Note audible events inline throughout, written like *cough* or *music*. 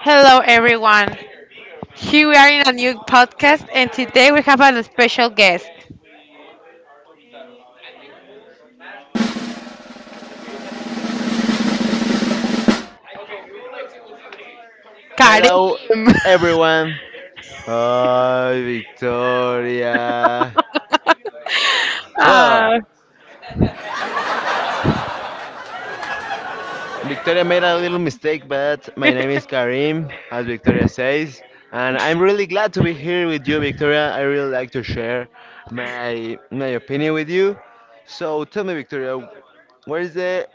Hello, everyone. Here we are in a new podcast, and today we have a special guest, Karim. *laughs* Hello, everyone. Hi, Victoria. Well, Uh, Victoria made a little mistake, but my name is Karim, as Victoria says, and I'm really glad to be here with you, Victoria. I really like to share my opinion with you. So tell me, Victoria, what is the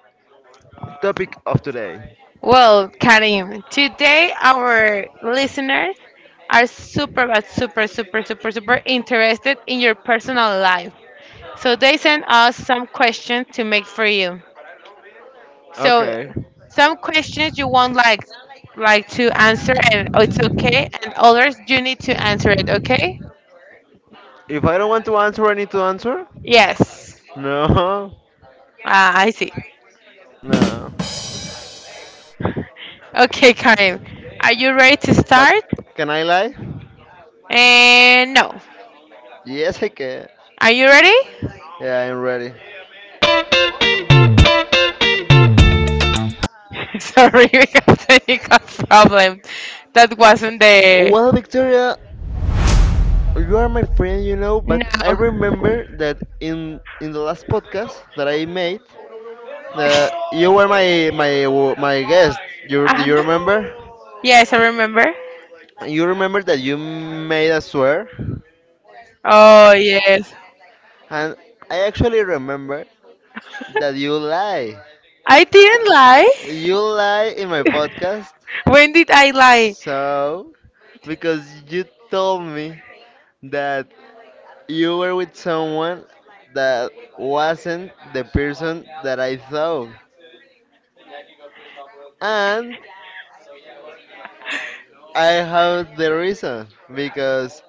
topic of today? well, Karim, today our listeners are super, but super, super, super, super interested in your personal life. So they sent us some questions to make for you. So, So okay. some questions you won't like to answer, and it's okay, and others you need to answer it. Okay? If I don't want to answer, I need to answer. Yes. *laughs* No, Ah, I see. no. Okay, Karim, are you ready to But start? start? Can I lie? And no. Yes, I can. Are you ready? Yeah, I'm ready. *laughs* Sorry, we got technical problem. That Uh, wasn't the. Well, Victoria, you are my friend, you know, but I No. No. remember that in the last podcast that I made, that you were my guest. You do you Uh-huh. remember? Yes, I remember. You remember that you made a swear, Oh, yes. and I actually remember that you lie. I didn't lie. You lie in my podcast. When did I lie? So, because you told me that you were with someone that wasn't the person that I thought. And I have the reason because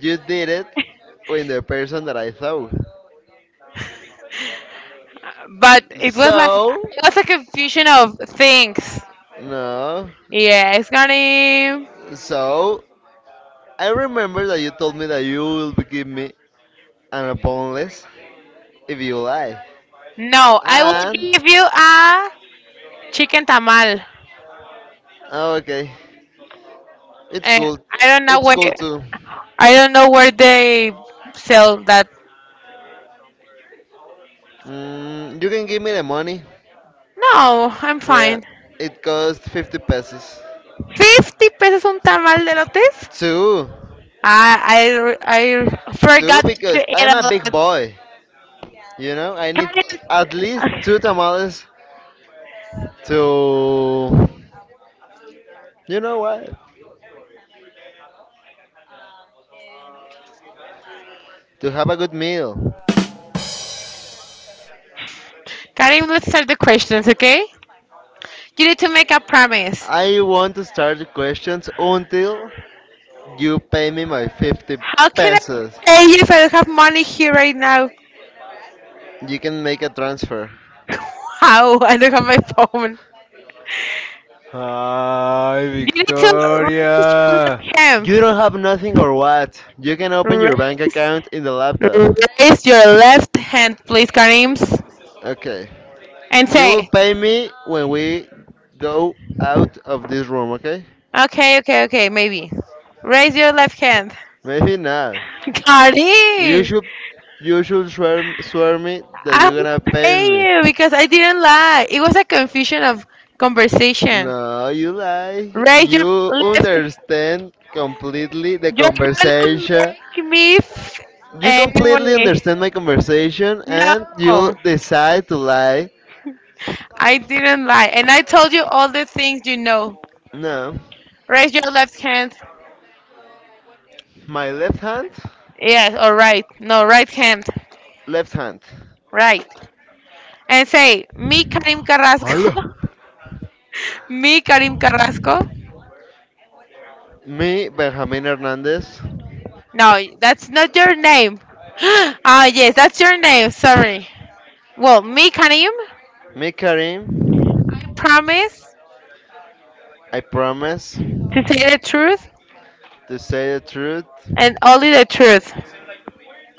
you did it with the person that I thought. But it was like So, it was a confusion of things. no. Yeah, it's gonna. So, I remember that you told me that you will give me an upon list. If you lie. No, I will And give you a chicken tamal, okay, it's and cool. I don't know It's where. cool too. I don't know where they sell that. Mm, you can give me the money. No, I'm Yeah, fine. it costs 50 pesos. 50 pesos un tamal de lotes? Two, I two forgot that you because ate I'm a a lot. big boy. You know, I need at least two Karim, tamales to, you know what, to have a good meal. Karim, let's start the questions, okay? You need to make a promise. I want to start the questions until you pay me my 50 How can I pesos. pay you if I don't have money here right now? You can make a transfer. *laughs* How? I don't have my phone. Hi, You need to raise your Victoria. left hand. You don't have nothing or what? You can open your Ra- bank account in the laptop. Raise your left hand, please, Karims. Okay. And You will say, pay me when we go out of this room, okay? okay, okay, okay, maybe. Raise your left hand. Maybe not. *laughs* You Cardi! should you should swear me that I you're will gonna pay pay me. you because I didn't lie. It was a confusion of conversation. No, you lie. Raise your You left. understand completely the You're gonna conversation. make me You completely anyway. understand my conversation and you No, decide to lie. I didn't lie, and I told you all the things you know. No, Raise your left hand. my left hand, Yes, or right. No, right hand. left hand. Right. And say, me Karim Carrasco. Hola. *laughs* Me Karim Carrasco. Me, Benjamin Hernandez. No, that's not your name. *gasps* Ah, yes, that's your name. Sorry. Well, me, Karim, I Me, Karim. promise I promise to say the truth to say the truth and only the truth.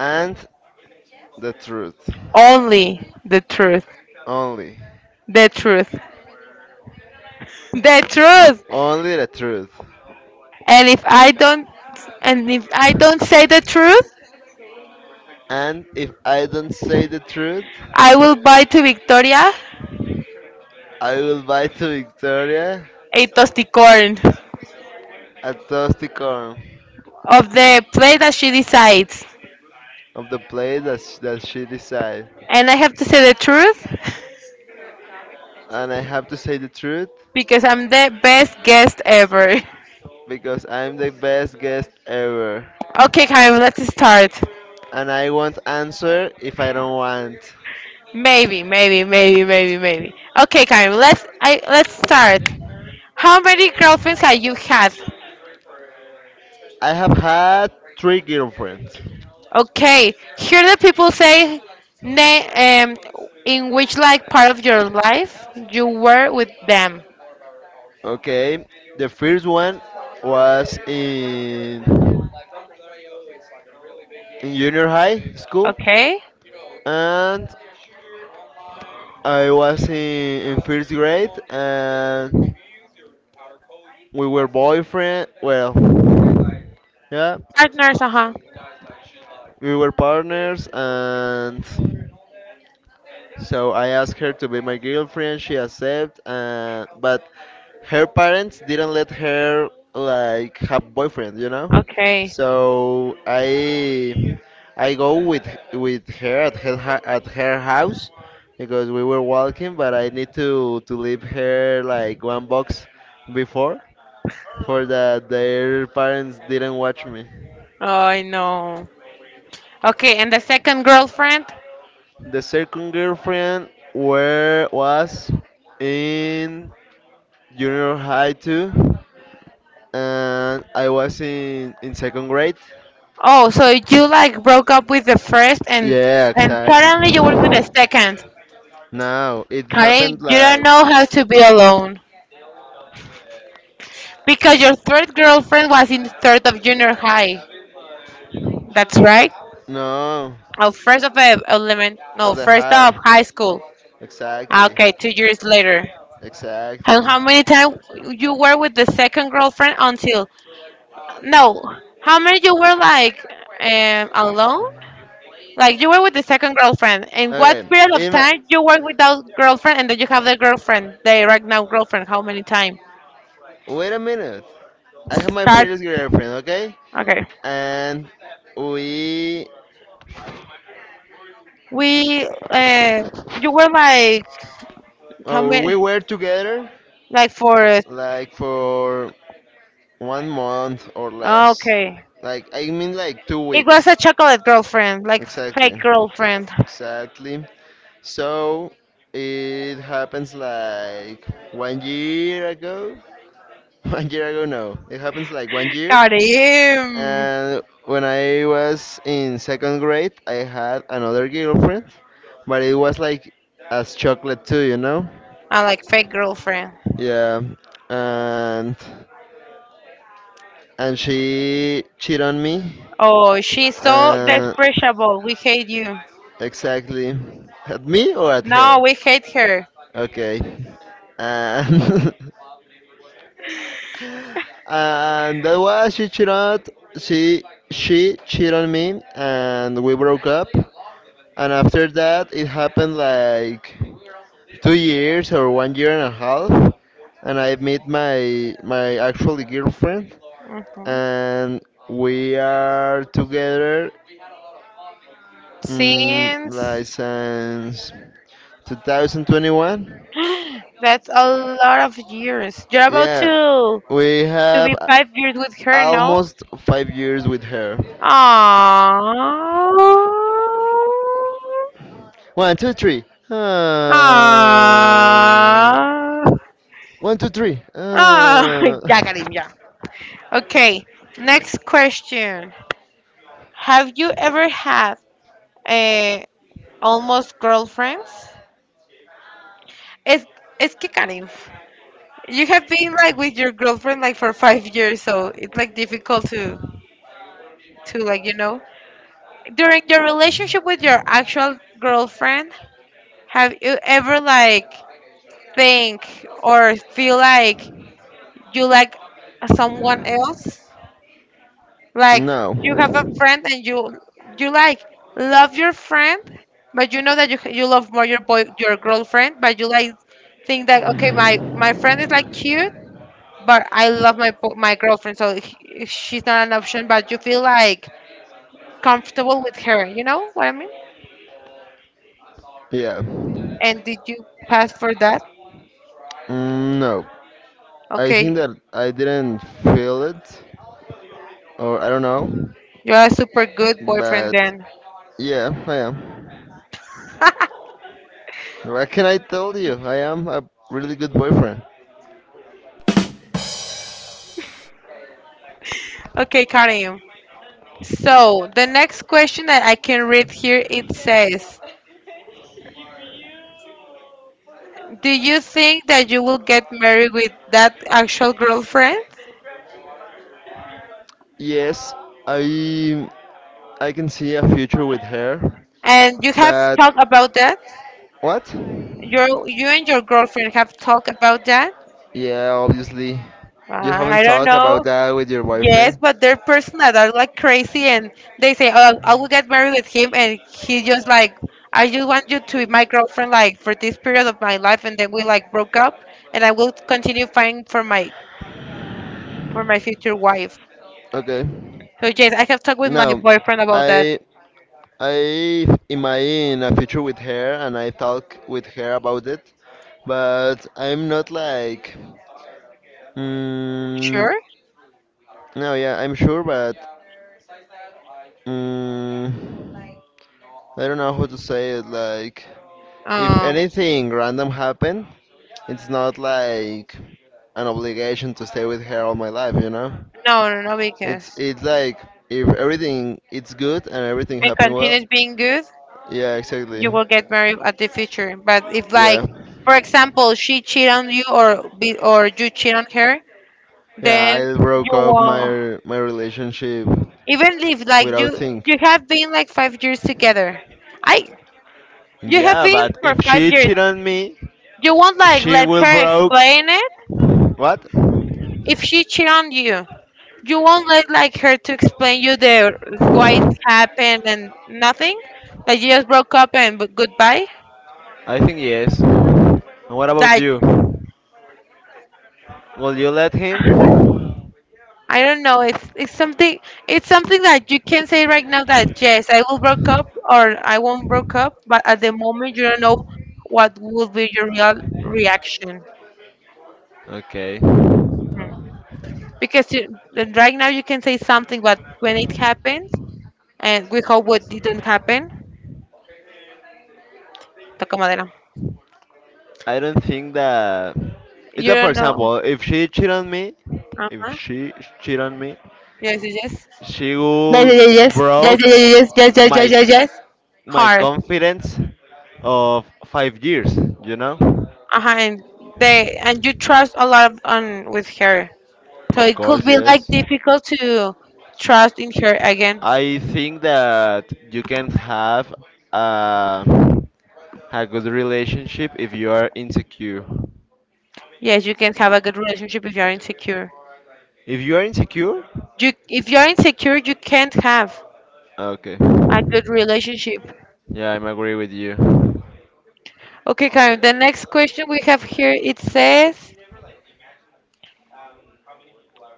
and the truth. Only the truth. Only. The truth. The truth. Only the truth. And if I don't, and if I don't say the truth, And if I don't say the truth, I will buy to Victoria I will buy to Victoria a tosticorn a toasty corn of the play that she decides. of the place that, that she decides. And I have to say the truth And I have to say the truth because I'm the best guest ever. *laughs* because I'm the best guest ever. Okay, Karim, let's start. And I won't answer if I don't want. Maybe, maybe, maybe, maybe, maybe. Okay, Karen, let's start. How many girlfriends have you had? I have had three girlfriends. Okay, here the people say na- um, in which like part of your life you were with them. Okay, the first one was in junior high school, Okay, and I was in first grade, and we were boyfriend. Well, yeah, partners, uh huh. we were partners, and so I asked her to be my girlfriend. She accepted, but her parents didn't let her like have boyfriend, you know. Okay, So I go with her at her at her house because we were walking, but I need to leave her like one box before for that their parents didn't watch me. oh, I know. Okay, and the second girlfriend. The second girlfriend were was in junior high too, and I was in second grade. Oh, so you like broke up with the first, Yeah, and exactly. suddenly you were with the second. No, it Karen, happened you don't like know how to be alone. Because your third girlfriend was in the third of junior high. That's right. no Oh, first of element. No, of the first of high. high school. Ah, Exactly, okay, 2 years later. And exactly. how many times you were with the second girlfriend until? No, how many you were like alone? Like you were with the second girlfriend. And what Okay, period of in my time you were without girlfriend and then you have the girlfriend, the right now girlfriend? How many times? wait a minute. I have my Start. previous girlfriend, okay? Okay. And we We you were like how well, we many? were together Like for it. like for 1 month or less. Okay. Like I mean like two It was weeks. a chocolate girlfriend, like Exactly. fake girlfriend. Exactly. So it happens like 1 year ago. *laughs* 1 year ago, no. It happens like one *laughs* year. Got him. And when I was in second grade, I had another girlfriend, but it was like as chocolate too, you know? I like fake girlfriend. Yeah. And and she cheated on me. Oh, she's so Uh, despreciable. We hate you. exactly. At me or at No, her? we hate her. Okay. And *laughs* and that was she she cheated on me and we broke up and after that it happened like 2 years or 1 year and a half and I met my actual girlfriend Hmm. and we are together Since like since 2021. *gasps* that's a lot of years. You're about Yeah, we to have be 5 years with her, no? almost 5 years with her. Aww. One, two, three. Uh, Aww. one, two, three. *laughs* Ah, *laughs* yeah, got him, yeah. Okay, next question. Have you ever had a almost girlfriends? Es, es que Karim, you have been like with your girlfriend like for 5 years, so it's like difficult to like you know. During your relationship with your actual girlfriend, have you ever like think or feel like you like someone else? Like no. you have a friend and you like love your friend, but you know that you love more your boy your girlfriend, but you like think that okay my friend is like cute, but I love my my girlfriend, so she's not an option. But you feel like comfortable with her. You know what I mean? Yeah. And did you pass for that? Mm, no. I think Okay, that I didn't feel it, or I don't know. you're a super good boyfriend But then. yeah, I am. *laughs* What can I tell you? I am a really good boyfriend. Okay, Karim. So the next question that I can read here it says, do you think that you will get married with that actual girlfriend? Yes, I I can see a future with her. And you have But talked about that? what? Your you and your girlfriend have talked about that? Yeah, obviously. You haven't I don't talked about know. that with your Yes, boyfriend? but they're person that are like crazy and they say, "Oh, I will get married with him," and he just like, "I just want you to be my girlfriend like for this period of my life," and then we like broke up, and I will continue fighting for my future wife. Okay. So yes, I have talked with my Now, boyfriend about that. I I imagine a future with her, and I talk with her about it, but I'm not like. Mm, Sure. no, yeah, I'm sure, but mm, I don't know how to say it. Like, if Uh, anything random happened, it's not like an obligation to stay with her all my life, you know? No, no, no, It's because it's like if everything it's good and everything it happened well. continues being good, Yeah, you exactly. will get married at the future. But if, like, Yeah, for example, she cheat on you or be, or you cheat on her, yeah. then I broke you up won't. my relationship Even if, like, without you think. you have been like 5 years together, I you have Yeah, been but for if five she years. cheat on me, You won't like she let will her broke. explain it. What? If she cheat on you, you won't let like her to explain you the why it happened and nothing. Like you just broke up and goodbye. I think yes. And what about That you? Will you let him? I don't know. It's something. It's something that you can say right now that yes, I will broke up or I won't broke up. But at the moment, you don't know what will be your real reaction. Okay. Mhm. Because you, then right now you can say something, but when it happens, and we hope what didn't happen. Toca madera. I don't think that it's You that for don't know. example, if she cheat on me, Uh if huh. she cheat on me, Yes, yes, yes, she will broke my yes, yes, yes. my Hard. confidence of 5 years. You know, Uh huh. And they and you trust a lot on with her, so of it could course, be like yes. difficult to trust in her again. I think that you can have a a good relationship if you are insecure. Yes, you can have a good relationship if you're insecure. If you are insecure, You, if you're insecure, you can't have okay. a good relationship. Yeah, I'm agree with you. Okay, Karen, the next question we have here, it says,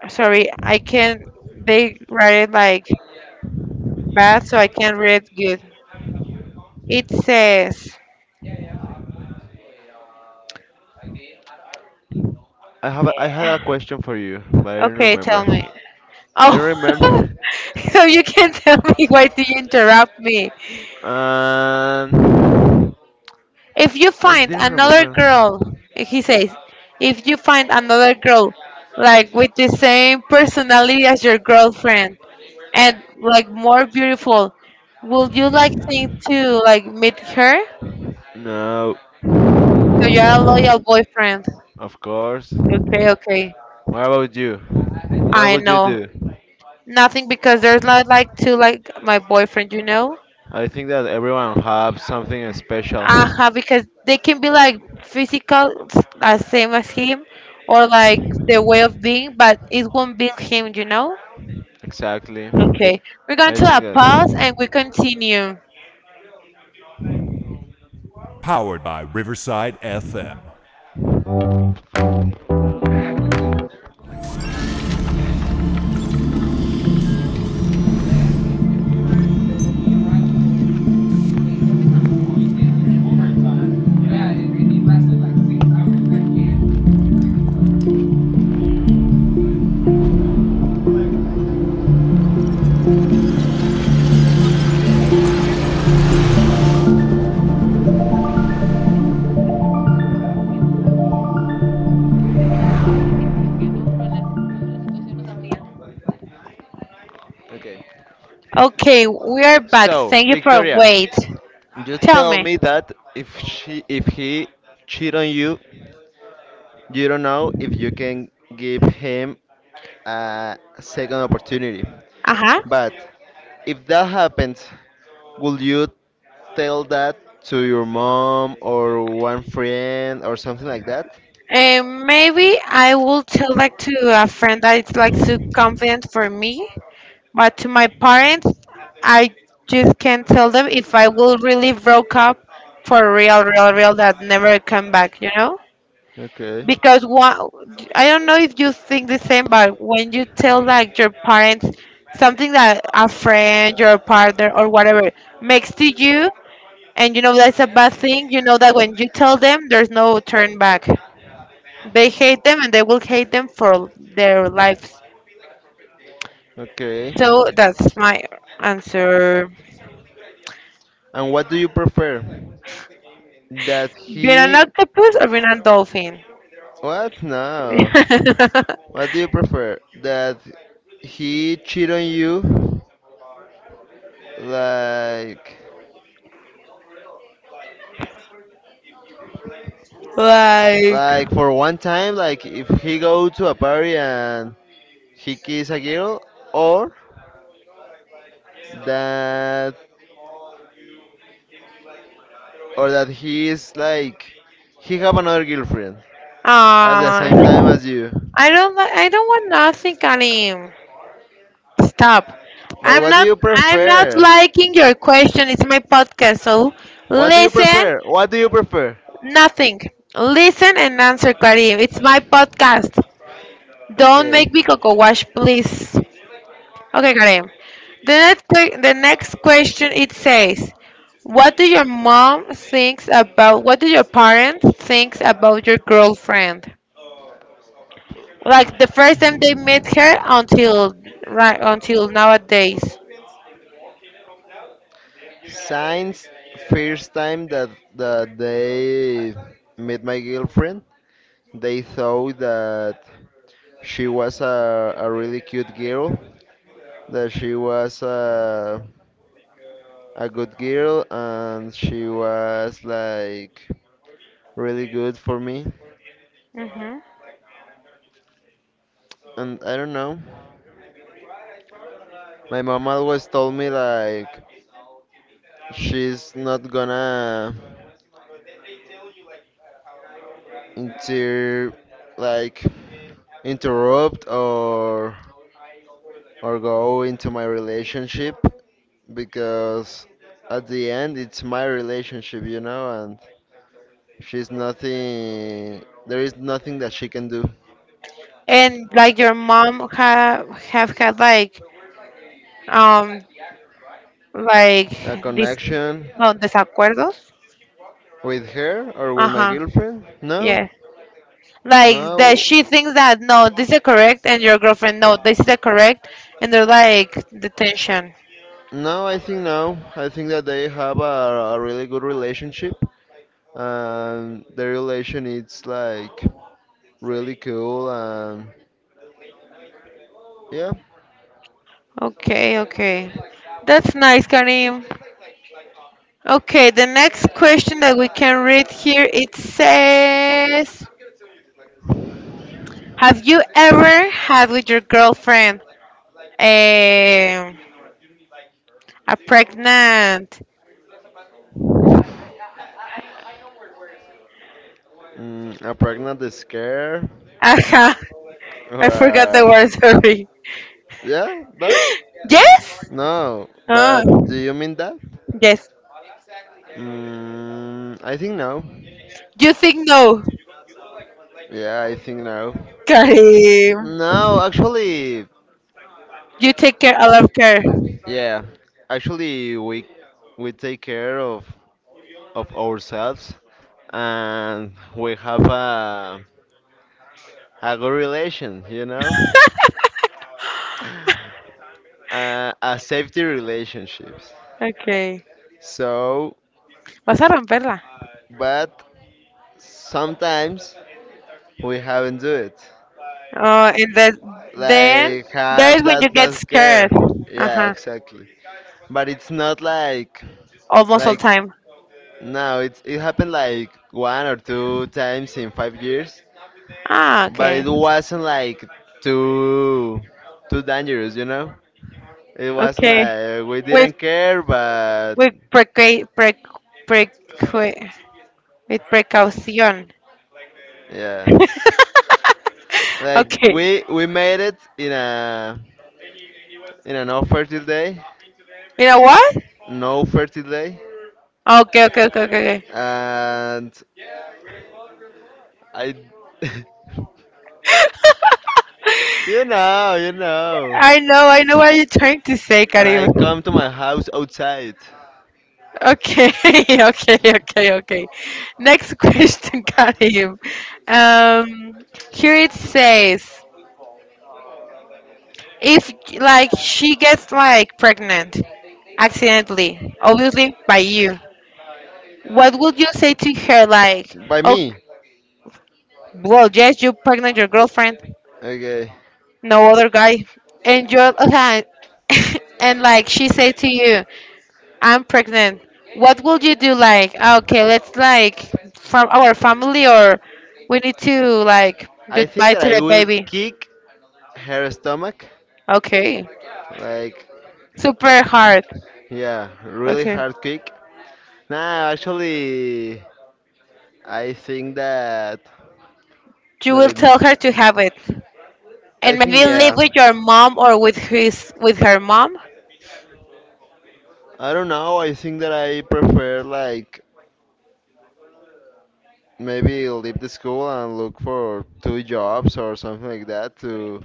sorry, I can't, they write it like bad, so I can't read good. It says, I have a, I had a question for you, but I don't okay, remember. tell me. I don't Oh, *laughs* remember. *laughs* so you can tell me why do you interrupt me? Um, If you I find didn't another remember. girl, he says, if you find another girl like with the same personality as your girlfriend and like more beautiful, will you like think to like meet her? No, So you're a loyal boyfriend. of course. Okay, okay. What about you? What I would you know. do? Nothing because there's not like two like my boyfriend, you know? I think that everyone have something special. Uh-huh, because they can be like physical as same as him or like the way of being, but it won't be him, you know? Exactly. Okay, we're going I to a think that. pause and we continue. Okay. Okay, we are back. So, Thank you for Victoria, wait. you Tell tell me. me that if she if he cheat on you, you don't know if you can give him a second opportunity. Uh-huh. But if that happens, will you tell that to your mom or one friend or something like that? Maybe I will tell like to a friend that it's like too confident for me, but to my parents, I just can't tell them if I will really broke up for real, real, real that never come back. You know. Okay. Because one, I don't know if you think the same, but when you tell like your parents something that a friend, your partner, or whatever makes to you, and you know that's a bad thing, you know that when you tell them, there's no turn back. They hate them, and they will hate them for their lives. Okay. So that's my answer. um, And what do you prefer? That we're Being an he octopus or being a dolphin? what? No. Talking. *laughs* *laughs* What do you prefer? That he cheat on you like Like, like for one time like if he go to a party and he kiss a girl or that or that he is like he have another girlfriend. Ah, at the okay. Same time I as you. don't, I don't want nothing, Karim. Stop. But I'm what do not you I'm not prefer? Like liking your question. It's my podcast, so what do you listen prefer? What do you prefer? nothing. Listen and answer, Karim. It's my podcast. Don't Okay. make me coco wash, please. Okay, Karim. The next the next question it says, what do your mom thinks about what do your parents thinks about your girlfriend? Like the first time they met her until right until nowadays. Signs first time that they met my girlfriend, they thought that she was a really cute girl, that she was a. A good girl and she was like really good for me. And I don't know. My mom always told me like she's not gonna inter like interrupt or go into my relationship because at the end it's my relationship, you know, and she's nothing there is nothing that she can do. And like your mom have had um like A this connection no desacuerdos. with her or Uh with my huh. girlfriend? No. Yeah. Like that No. she thinks that no, this is correct, and your girlfriend no, this is correct, and they're like the tension. No, I think no. I think that they have a really good relationship, and the relation is like really cool and yeah, Okay, okay. That's nice, Karim. Okay, the next question that we can read here it says have you ever had with your girlfriend a, a pregnant. mm, a pregnant scare Aha, I or forgot the word, a, sorry. yeah that. Yes? No, Ah, but do you mean that? yes. Mm, I think no. You think no. Yeah, I think no. Karim. No, actually, you You take care, I love care. yeah, actually we take care of ourselves and we have a good relation, you know, *laughs* a safety relationships. Okay. So, Vas a romperla. but sometimes we haven't do it, Oh, and then like there is have when you get that scared. care. Yeah, Uh-huh. exactly. But it's not like Almost all like time. no, it's it happened like one or two times in 5 years, Ah, but okay. it wasn't like too too dangerous, you know. It wasn't Okay. like we With didn't care, but with preca- pre pre- with precaution. yeah, *laughs* like Okay. We made it in a in an no fertile day, You know what? no fertile day, Okay, okay, okay, okay, okay. and I, *laughs* you know, I know what you're trying to say, and I Karim. come to my house outside Okay, *laughs* okay, okay, okay. Next question, *laughs* Karim. Um, Here it says, if like she gets like pregnant accidentally, obviously by you, what would you say to her? Like, by oh, me. well, yes, you pregnant your girlfriend, Okay. no other guy and you're like *laughs* and like she said to you I'm pregnant, what would you do? Like, ah, okay, let's like from our family or we need to like I think goodbye that to I the will baby. kick her stomach. Okay, Like, super hard. yeah, really Okay, hard kick. Nah, actually, I think that you that will it. tell her to have it I and think maybe live yeah. with your mom or with his with her mom. I don't know. I think that I prefer like maybe leave the school and look for two jobs or something like that to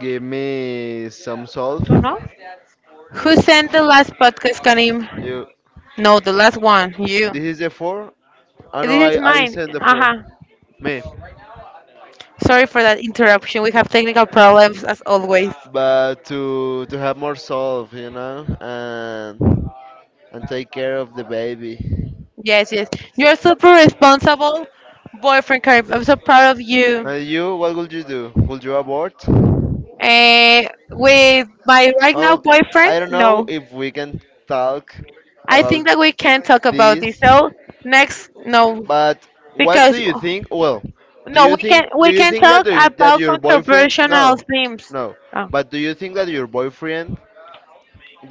give me some solve. Don't know who sent the last podcast, Kanim. You. No, the last one you. This is a four. I know This is I mine. send the four. Uh-huh. Me. Sorry for that interruption. We have technical problems as always. But to have more solve, you know, and take care of the baby. Yes, yes. You're super responsible boyfriend, Karim. I'm so proud of you. And you, what would you do? Would you abort? Uh, with my right now Well, boyfriend, I don't know no. if we can talk I about think that we can talk about this. this. So next, no, But what do because you think? Well, no, we can do we you can think talk that about your boyfriend? controversial No, themes. no. Oh, But do you think that your boyfriend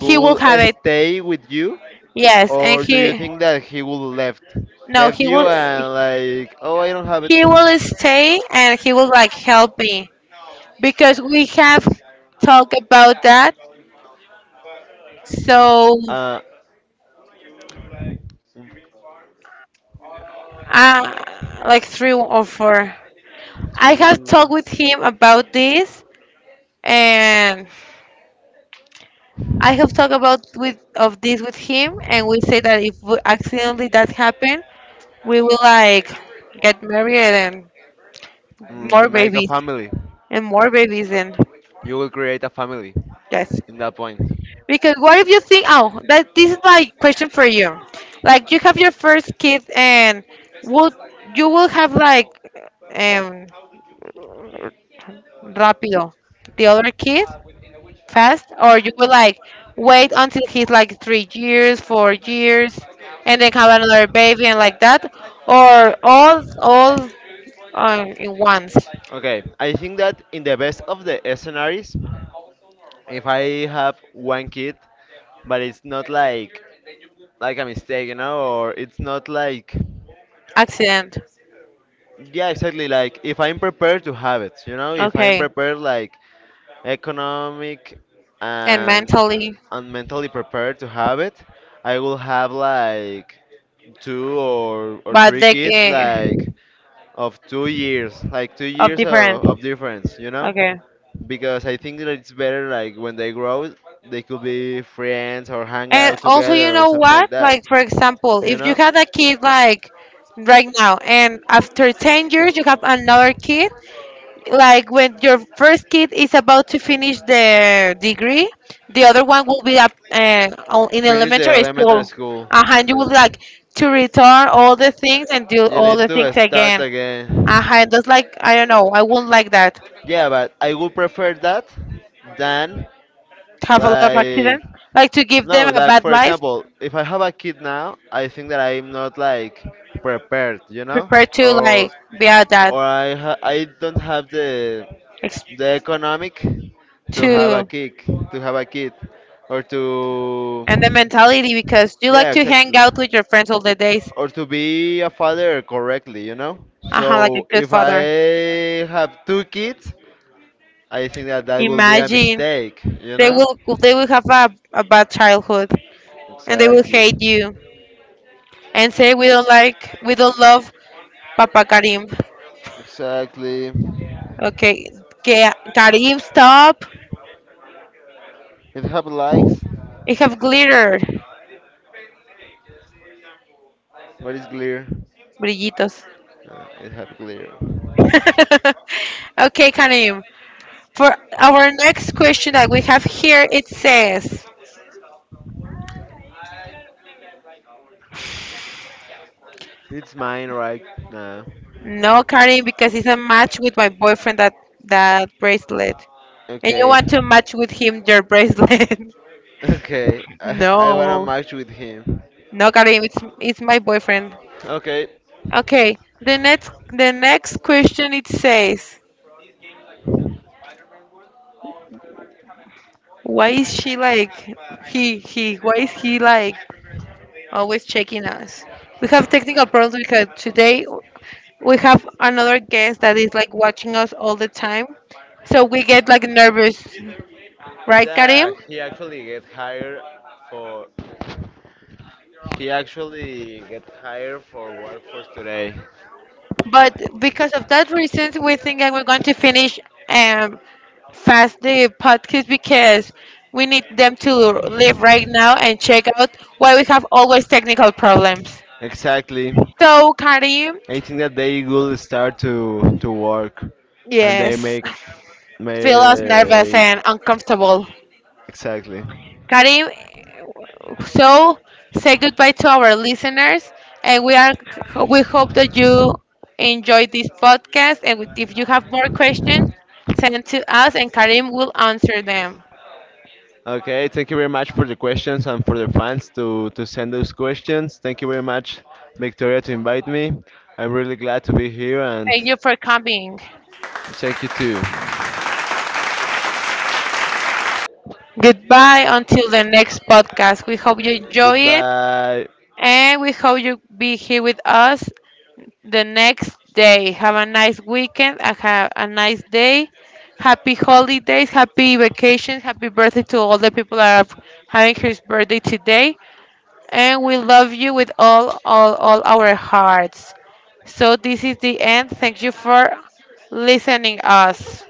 he will have it. stay with you, Yes, and or do you he think that he will left no, left you and like oh I don't have it. he will stay and he will like help me, because we have talked about that. So, Uh, uh, like three or four. I have talked to with him about this, and I have talked about with of this with him, and we say that if we accidentally that happen, we will like get married and more mm, make a babies family, and more babies, and you will create a family yes. in that point. Because what if you think, oh, that this is my question for you. Like you have your first kid and will you will have like um rapido the other kid fast, or you will like wait until he's like 3 years, 4 years and then have another baby and like that, or all in once Okay, I think that in the best of the scenarios, if I have one kid, but it's not like like a mistake, you know, or it's not like accident. yeah, exactly. Like if I'm prepared to have it, you know, if I'm Okay. prepared, like economic And and mentally and mentally prepared to have it, I will have like two or but three they kids like of 2 years, like two of years difference. Of difference, you know. Okay. Because I think that it's better like when they grow, they could be friends or hang And out also, you together or know something what? like that. Like, for example, You if you know, had a kid like right now, and after 10 years you have another kid, like when your first kid is about to finish their degree, the other one will be up in finish the elementary elementary school. school. Uh-huh, and you would Yeah, like to return all the things and do you all need the things to start again. again. Uh-huh, and that's like, I don't know, I wouldn't like that. Yeah, but I would prefer that than Have a lot of like accidents. Like to give them no, a like bad for life, example, if I have a kid now, I think that I'm not like prepared, you know, prepare to like or be at that or I ha I don't have ex- the economic to have a to. kid, to have a kid, or to And the mentality because you like yeah, to hang exactly, out with your friends all the days. or to be a father correctly, you know. Aha, like a So good if I father. have two kids, I think that that will be a Imagine mistake, you they know. will they will have a bad childhood and they will Exactly. hate you and say we don't like we don't love Papa Karim. Exactly. Okay, Karim, stop. It have likes, You have glitter, but it's clear. brillitos. It have clear. *laughs* Okay, Karim. For our next question that we have here, it says, It's mine right now. "No, Karim, because it's a match with my boyfriend that bracelet." And you Okay. want to match with him your bracelet? Okay. *laughs* I wanna No, match with him. no, Karim, it's my boyfriend. Okay, Okay, the next question, it says, why is she like he he? Why is he like always checking us? We have technical problems because today we have another guest that is like watching us all the time, so we get like nervous, right, Karim? yeah. he actually get hired for he actually get hired for workforce today. But because of that reason, we think that we're going to finish. Um, Fast the podcast because we need them to leave right now and check out why we have always technical problems. Exactly. So, Karim, I think that they will start to work, and they yes, make feel us nervous May and uncomfortable. exactly. Karim, so say goodbye to our listeners, and we are we hope that you enjoyed this podcast. And if you have more questions, send to us, and Karim will answer them. Okay, thank you very much for the questions and for the fans to send those questions. Thank you very much, Victoria, to invite me. I'm really glad to be here and Thank you for coming. thank you too. Goodbye until the next podcast. We hope you enjoy it Goodbye. and we hope you be here with us the next day. Have a nice weekend, and have a nice day. Happy holidays, happy vacations, happy birthday to all the people that are having his birthday today. And we love you with all our hearts. So this is the end. Thank you for listening us.